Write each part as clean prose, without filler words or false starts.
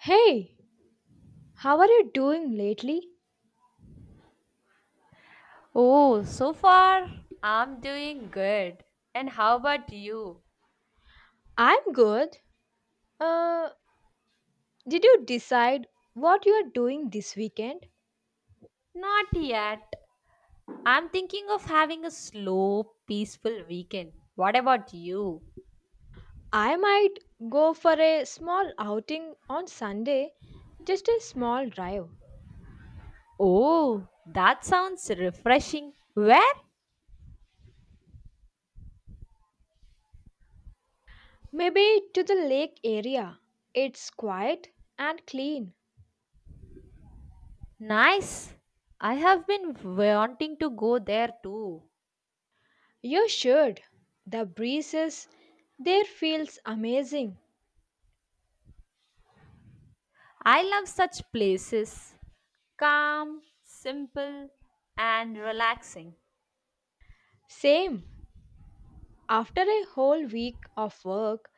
Hey, how are you doing lately? Oh, so far I'm doing good. And how about you? I'm good. Uh, did you decide what you are doing this weekend? Not yet. I'm thinking of having a slow, peaceful weekend. What about you? I might go for a small outing on Sunday, just a small drive. Oh, that sounds refreshing. Where? Maybe to the lake area. It's quiet and clean. Nice. I have been wanting to go there too. You should. The breezes there feels amazing. I love such places. Calm, simple, and relaxing. Same. After a whole week of work,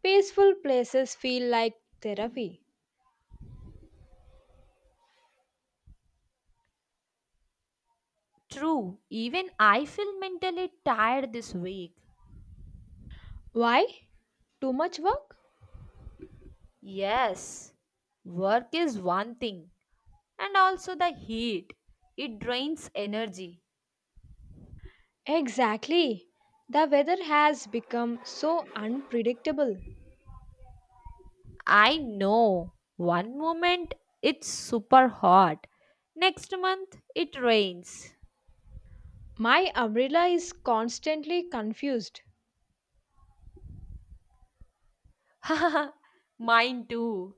peaceful places feel like therapy. True, even I feel mentally tired this week. Why? Too much work? Yes, work is one thing, and also the heat. It drains energy. Exactly. The weather has become so unpredictable. I know. One moment it's super hot, next month it rains. My umbrella is constantly confused. Mine too.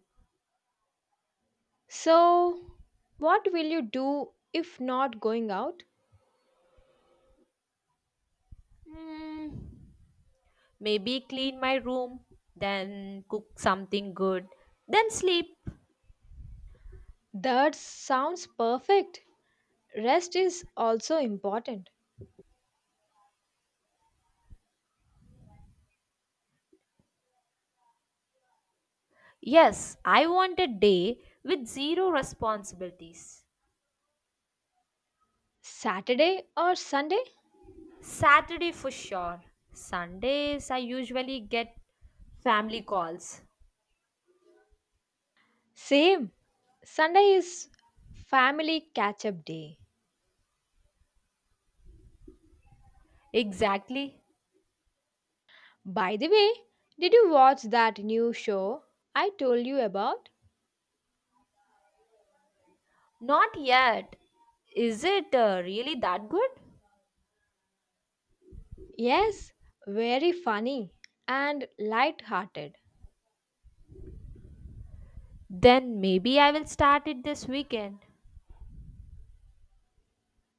So, what will you do if not going out? Hmm, maybe clean my room, then cook something good, then sleep. That sounds perfect. Rest is also important. Yes, I want a day with zero responsibilities. Saturday or Sunday? Saturday for sure. Sundays, I usually get family calls. Same. Sunday is family catch up day. Exactly. By the way, did you watch that new show I told you about? Not yet. Is it really that good? Yes, very funny and light-hearted. Then maybe I will start it this weekend.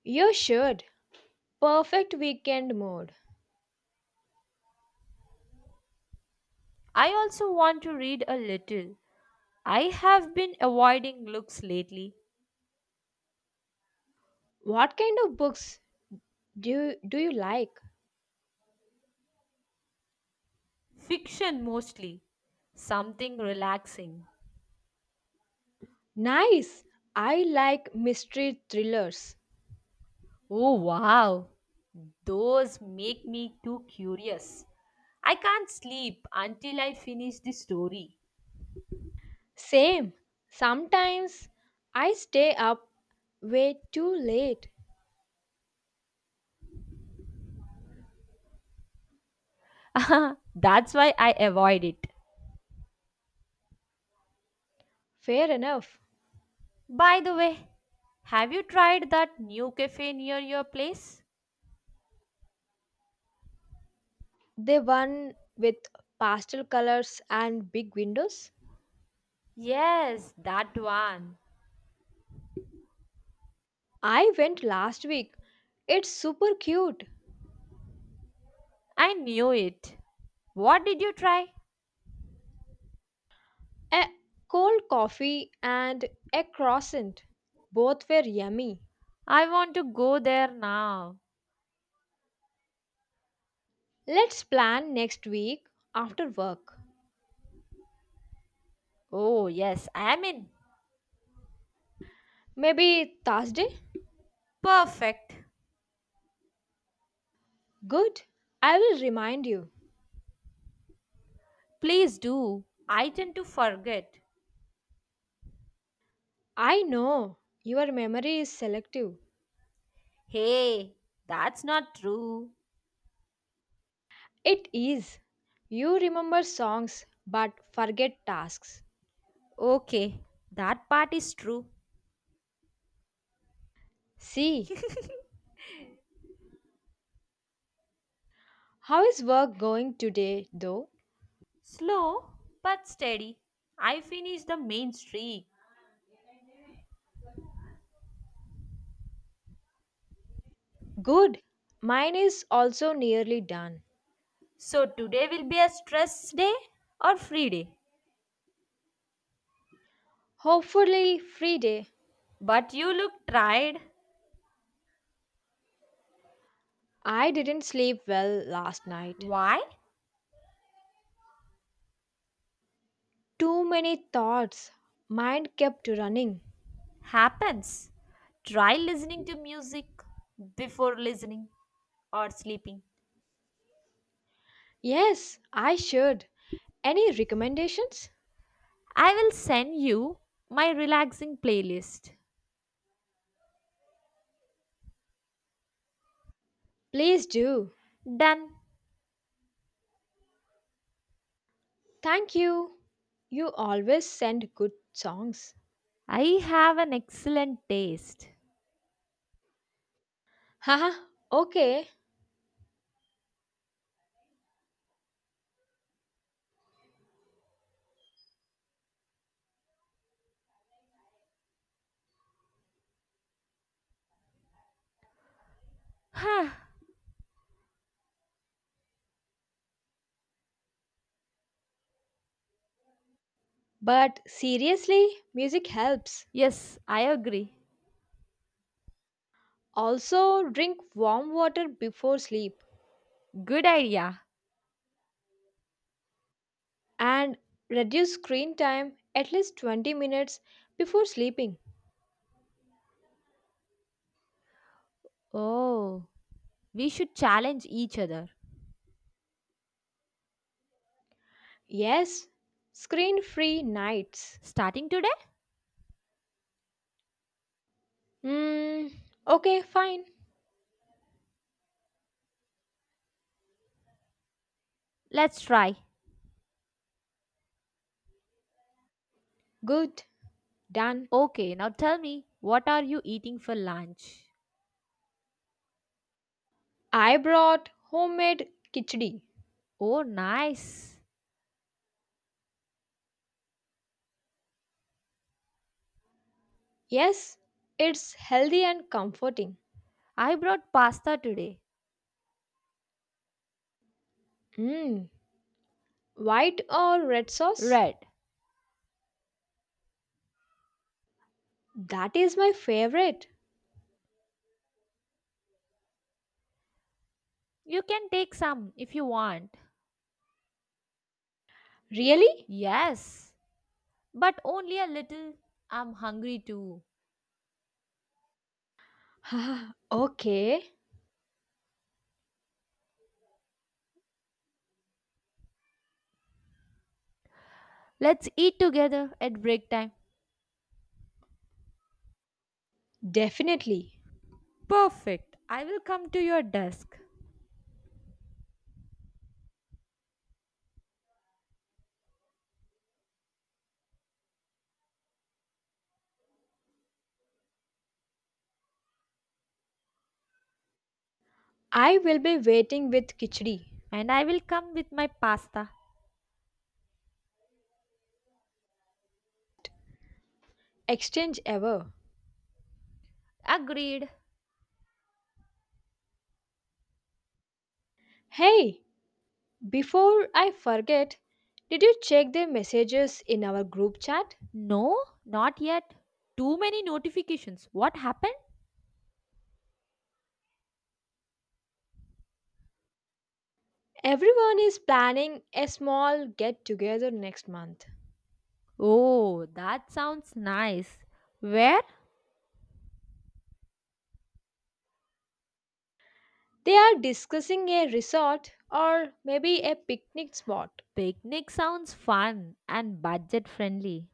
You should. Perfect weekend mood. I also want to read a little. I have been avoiding looks lately. What kind of books do you like? Fiction mostly, something relaxing. Nice. I like mystery thrillers. Oh, wow. Those make me too curious. I can't sleep until I finish the story. Same. Sometimes I stay up way too late. That's why I avoid it. Fair enough. By the way, have you tried that new cafe near your place? The one with pastel colors and big windows. Yes, that one. I went last week. It's super cute. I knew it. What did you try? A cold coffee and a croissant. Both were yummy. I want to go there now. Let's plan next week after work. Oh, yes, I am in. Maybe Thursday? Perfect. Good. I will remind you. Please do. I tend to forget. I know your memory is selective. Hey, that's not true. It is. You remember songs but forget tasks. Okay, that part is true. See, how is work going today though? Slow but steady. I finished the main streak. Good. Mine is also nearly done. So today will be a stress day or free day. Hopefully, free day. But you look tired. I didn't sleep well last night. Why? Too many thoughts. Mind kept running. Happens. Try listening to music before listening or sleeping. Yes, I should. Any recommendations? I will send you my relaxing playlist. Please do. Done. Thank you. You always send good songs. I have an excellent taste. Haha, okay. Huh, But seriously, music helps. yes, I agree. Also, drink warm water before sleep Good idea. and reduce screen time at least 20 minutes before sleeping. Oh, we should challenge each other. Yes, screen free nights. Starting today? Hmm, okay, fine. Let's try. Good. Done. Okay, now tell me, what are you eating for lunch? I brought homemade khichdi. Oh, nice. Yes, it's healthy and comforting. I brought pasta today. Mmm, white or red sauce? Red. That is my favorite. You can take some if you want. Really? Yes, but only a little. I'm hungry too. Ah, okay, Let's eat together at break time. definitely. Perfect. I will come to your desk I will be waiting with khichdi. and I will come with my pasta. Exchange ever. Agreed. Hey, before I forget, did you check the messages in our group chat? No, not yet. Too many notifications. What happened? Everyone is planning a small get together next month. Oh, that sounds nice. Where? They are discussing a resort or maybe a picnic spot. Picnic sounds fun and budget friendly.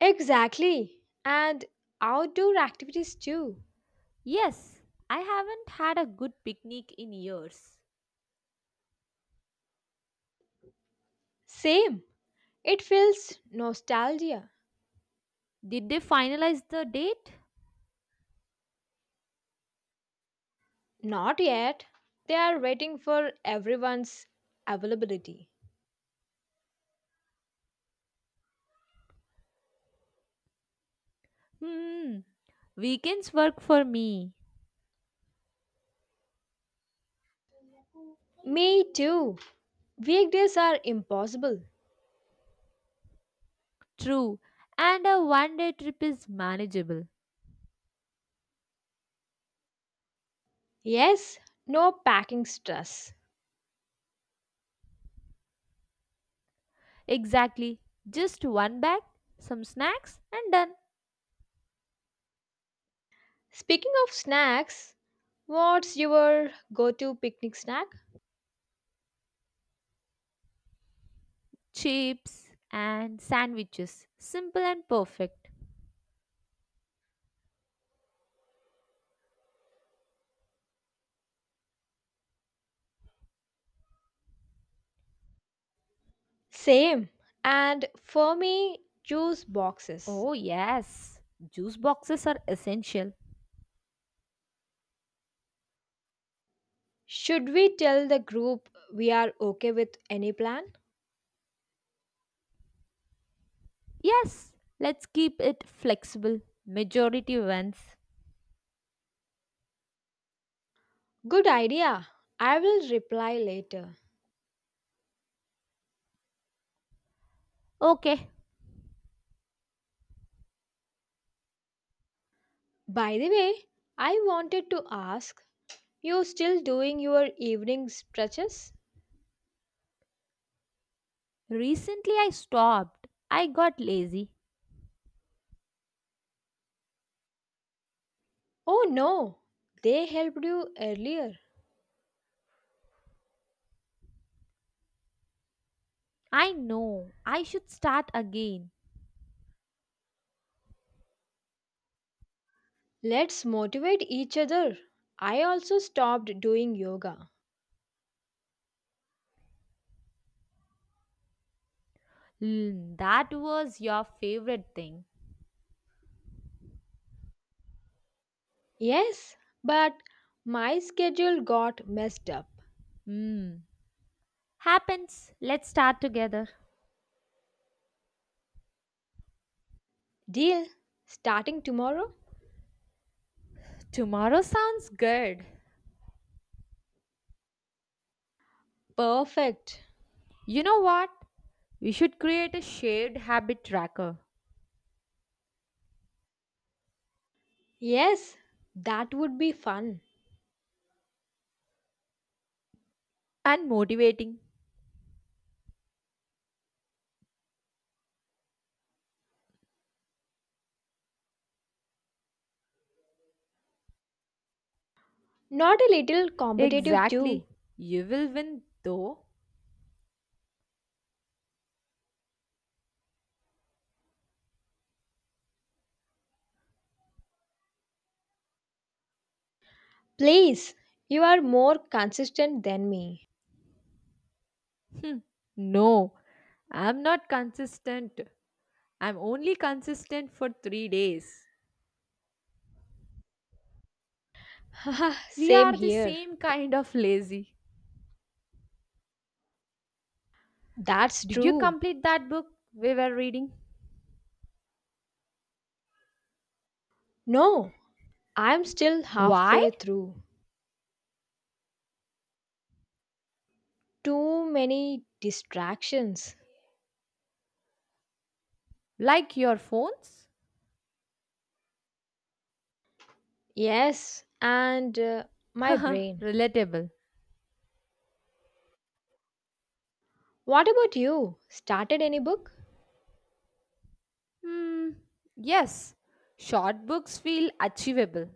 Exactly. And outdoor activities too. Yes, I haven't had a good picnic in years. Same. It feels nostalgia. Did they finalize the date? Not yet. They are waiting for everyone's availability. Hmm, weekends work for me. Me too. Weekdays are impossible. True, and a one day trip is manageable. Yes, no packing stress. Exactly, just one bag, some snacks, and done. Speaking of snacks, what's your go to picnic snack? Chips, and sandwiches. Simple and perfect. Same. And for me, juice boxes. Oh, yes, juice boxes are essential. Should we tell the group we are okay with any plan? Yes, let's keep it flexible. Majority wins. Good idea. I will reply later. Okay, By the way, I wanted to ask you still doing your evening stretches? recently I stopped. I got lazy. Oh no, they helped you earlier. I know, I should start again. Let's motivate each other. I also stopped doing yoga. Mm, that was your favorite thing. Yes, but my schedule got messed up. Hmm, happens. Let's start together. Deal. Starting tomorrow? Tomorrow sounds good. Perfect. You know what? We should create a shared habit tracker Yes, that would be fun. and motivating. Not a little competitive, too. Exactly. You will win though. Please, you are more consistent than me. Hmm. No, I'm not consistent. I'm only consistent for 3 days. Haha, We same are the here. same kind of lazy. That's Did you true. complete that book we were reading? No, I'm still Why? halfway through. Too many distractions. Like your phones? Yes, and my brain. Relatable. What about you? Started any book? Hmm. Yes, short books feel achievable.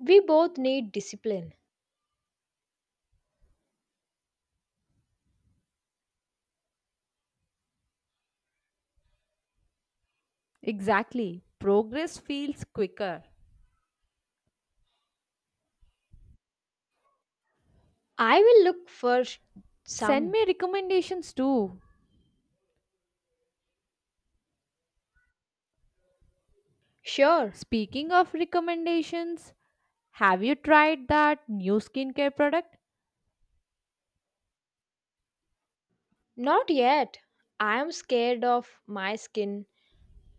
We both need discipline. Exactly. Progress feels quicker. I will look for Send some. me recommendations too. Sure. Speaking of recommendations, have you tried that new skincare product? Not yet. I am scared of my skin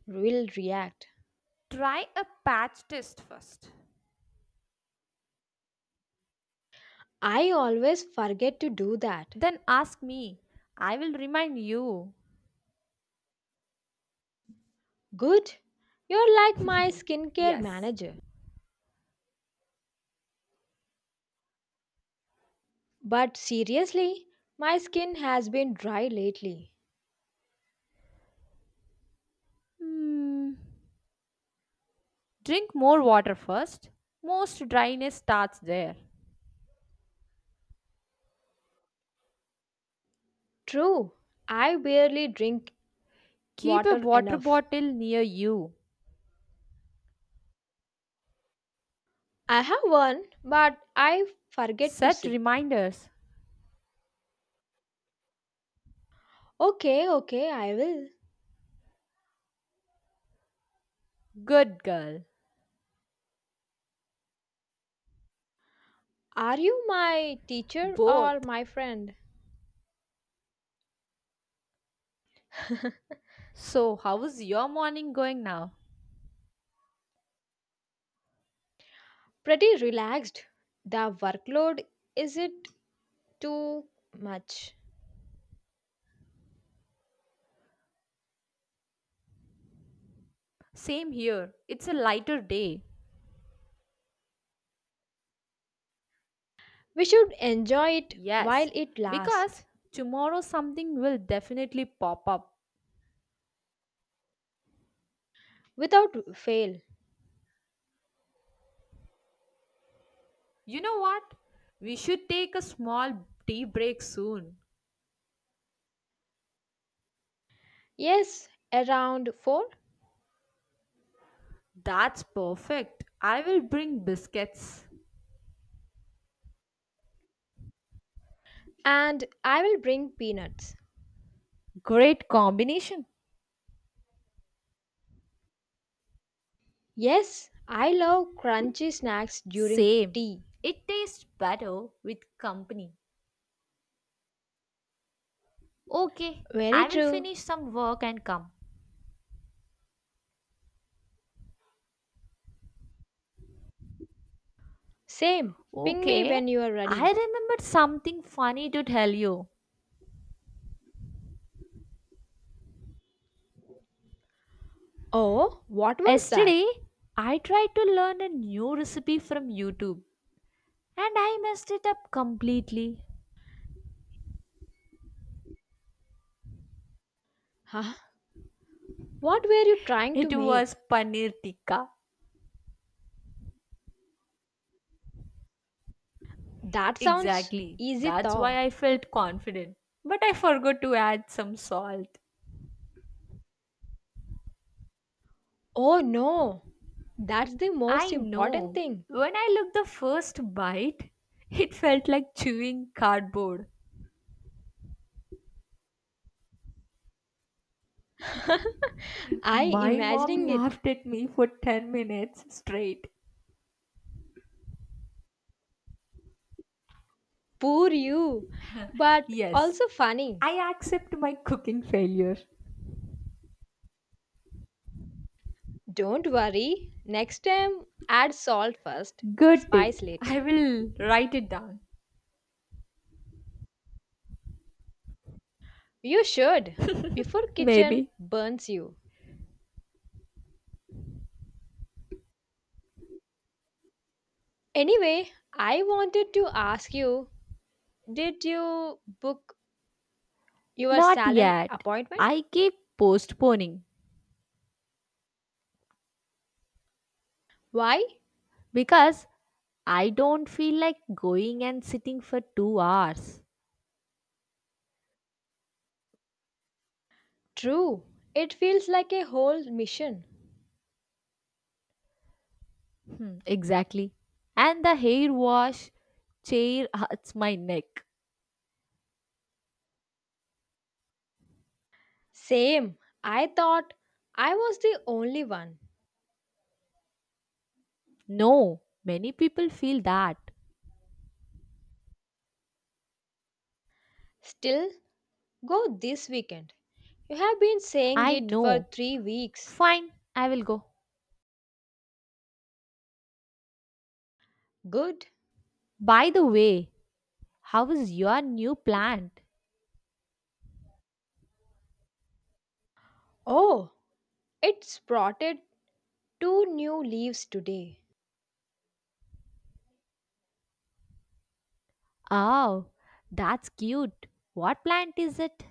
will react. Try a patch test first. I always forget to do that. Then ask me. I will remind you. Good. You're like my skincare Yes. manager. But seriously, my skin has been dry lately. Hmm. Drink more water first. Most dryness starts there. True, I barely drink Keep a water water enough. bottle near you. I have one, but I forget to Set sip. reminders. Okay, okay, I will. Good girl. Are you my teacher or Both. my friend? So, how is your morning going now? pretty relaxed. The workload is it too much? Same here. It's a lighter day. We should enjoy it while Yes, it because lasts tomorrow something will definitely pop up. without fail. You know what? We should take a small tea break soon. Yes, around 4 That's perfect. I will bring biscuits. and I will bring peanuts. Great combination. Yes, I love crunchy snacks during Same. tea. It tastes better with company. Okay, Very I will true. finish some work and come. Same. Ping me Okay, when you are I ready. remembered something funny to tell you. Oh, what was that? Yesterday, I tried to learn a new recipe from YouTube and I messed it up completely. Huh? What were you trying It to was make? paneer tikka. That sounds Exactly. easy That's why though. I felt confident. But I forgot to add some salt. Oh no, that's the most I important know. thing. When I looked the first bite, it felt like chewing cardboard. I My mom imagining it. laughed at me for 10 minutes straight. Poor you. But Yes, also funny. I accept my cooking failure. Don't worry. Next time add salt first, Good tip. spice I later. will write it down. You should before Maybe. kitchen burns you. Anyway, I wanted to ask you, did you book your Not salon yet. appointment? I keep postponing Why? because I don't feel like going and sitting for 2 hours. True. It feels like a whole mission. Hmm, exactly. And the hair wash chair hurts my neck. Same. I thought I was the only one. No, many people feel that. Still, go this weekend. You have been saying I it for know. 3 weeks. Fine, I will go. Good. By the way, how is your new plant? Oh, it's sprouted two new leaves today. Oh, that's cute. What plant is it?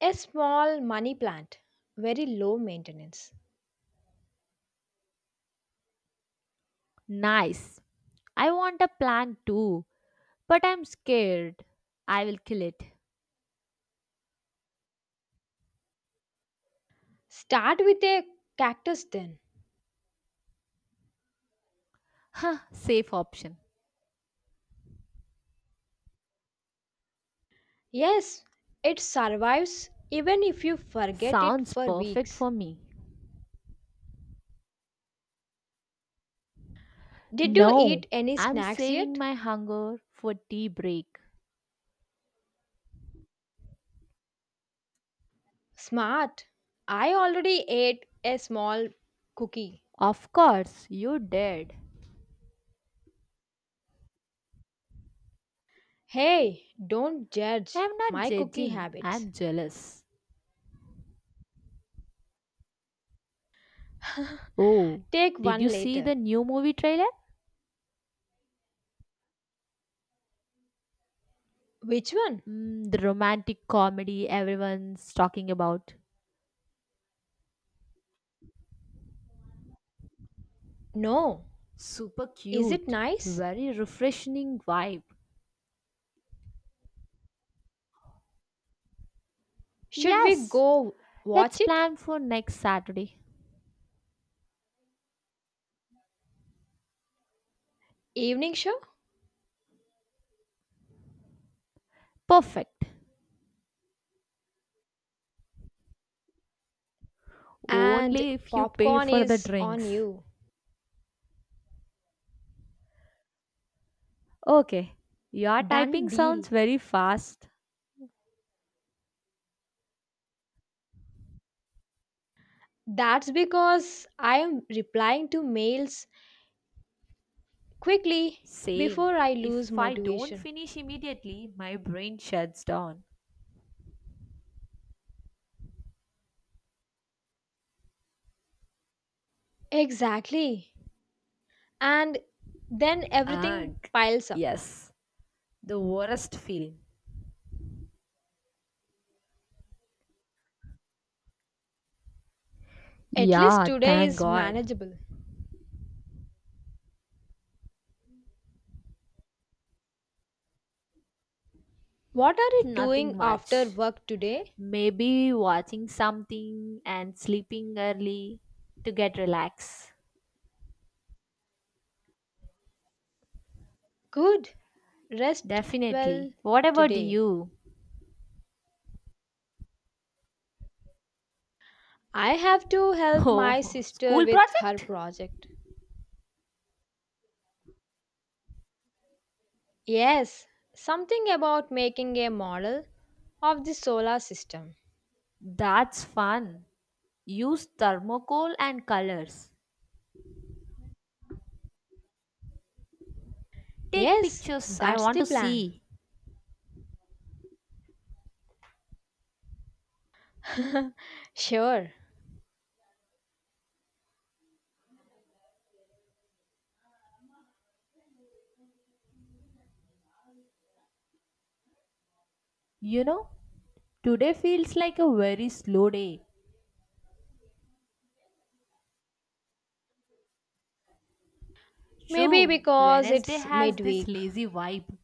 A small money plant. Very low maintenance. Nice. I want a plant too, but I'm scared. I will kill it. Start with a cactus then. Safe option. Yes, it survives even if you forget it Sounds for perfect weeks. for me. Did you No, eat any I'm snacks saving yet? my hunger for tea break. Smart. I already ate a small cookie. Of course, you did. Hey, don't judge I'm not my cookie judging, habits. I'm jealous. Oh, Take did one you see later. the new movie trailer? Which one? Mm, the romantic comedy everyone's talking about. No. Super Is it cute, nice? very refreshing vibe. Should we Yes, go let's watch it? plan for next Saturday. Evening show? Perfect. And Only if you pay popcorn for the is on drinks. you. Okay, your typing Done sounds deal. very fast. That's because I am replying to mails quickly Same. before I lose If I don't motivation. finish immediately, my brain shuts down. Exactly. And then everything Ugh. piles up. Yes, the worst feeling. At least Yeah, today thank is God. manageable. What are you Nothing doing after much. work today? Maybe watching something and sleeping early to get relaxed. Good. Rest well Definitely. What about today. you? I have to help my Oh, sister school with her project? project. Yes, something about making a model of the solar system. That's fun. Use thermocol and colors. Take Yes, pictures. I that's want the to plan. see. sure. You know, today feels like a very slow day. Maybe True, because Wednesday it's has this midweek. lazy vibe.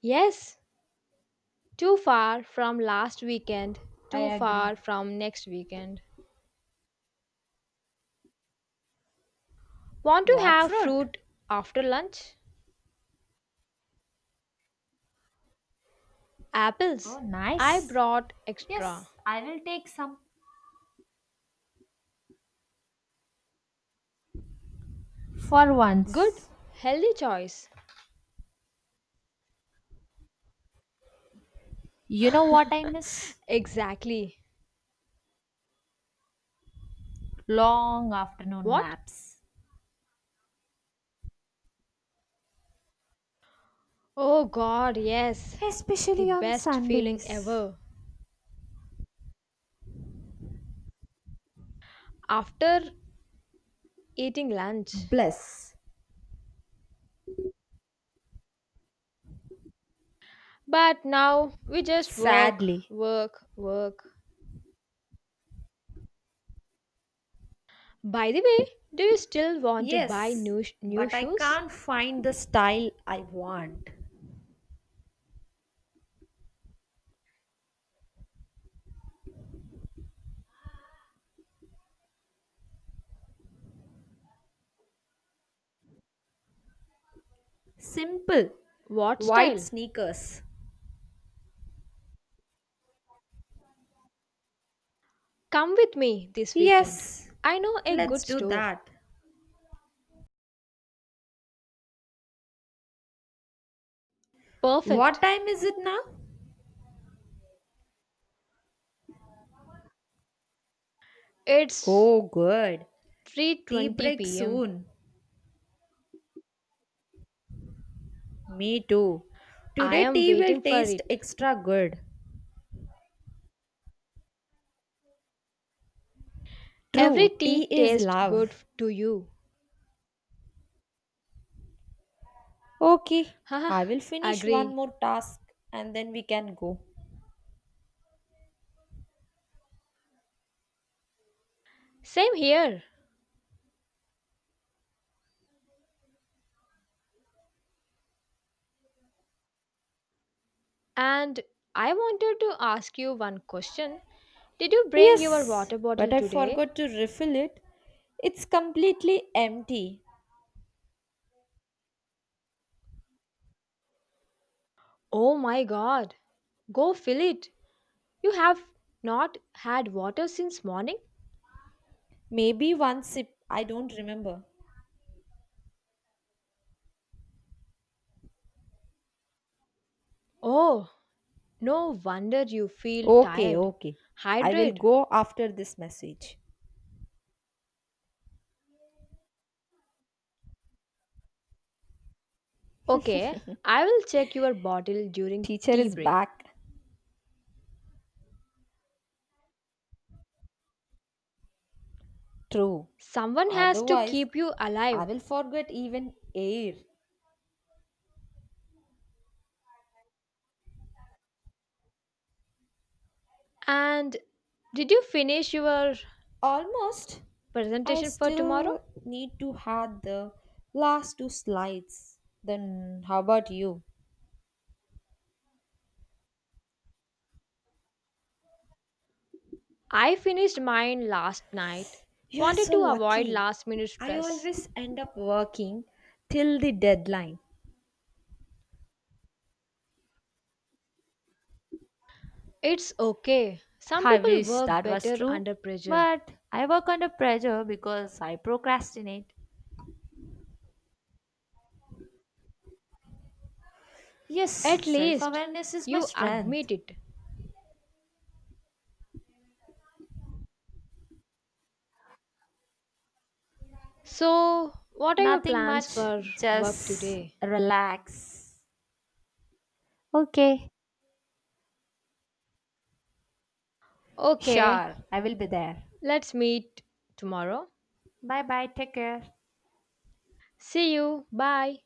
Yes, too far from last weekend, I too agree. far from next weekend. Want to What have fruit? fruit after lunch? Oh, Apples. I nice. brought extra. Yes, I will take some. For Good, once. healthy choice. You know what I miss? exactly. Long afternoon What? naps. Oh god, yes. The Especially on best feeling Sundays. ever after eating lunch. Bless. But now we just work, Sadly, work, work. By the way, do you still want to buy yes, new new but I shoes? can't find the style I want. Simple, What white style? sneakers. Come with me this weekend. Yes, I know a let's good do store. that. What Perfect. time is it now? It's Oh, good. Tea 3:20 break p.m. soon. Me too. I Today, am tea will waiting for taste it. extra good. True, Every tea tea is tastes good love. to you. Okay, Haha, I will finish one agree. more task and then we can go. Same here. And I wanted to ask you one question. Did you bring your Yes, water but bottle I today? forgot to refill it. It's completely empty. Oh my god. Go fill it. You have not had water since morning? Maybe one sip, I don't remember. Oh, no wonder you feel Okay, tired. okay. I will Hydrate. go after this message. Okay, I will check your bottle during Teacher tea is break. back. True. Someone has to Otherwise, keep you I alive. will forget even air. And did you finish your Almost. I presentation for tomorrow? still need to add the last two slides. Then, how about you? I finished mine last night. You are Wanted so to avoid lucky. last minute I stress. always end up working till the deadline. It's okay. Some I people wish work that was better true, under pressure. but I work under pressure because I procrastinate. Yes, At self least awareness is my you strength. admit it. So, what are your Nothing plans much, for work just today? relax. Okay, Okay, sure, I will be there. let's meet tomorrow. Bye bye, take care. See you. Bye.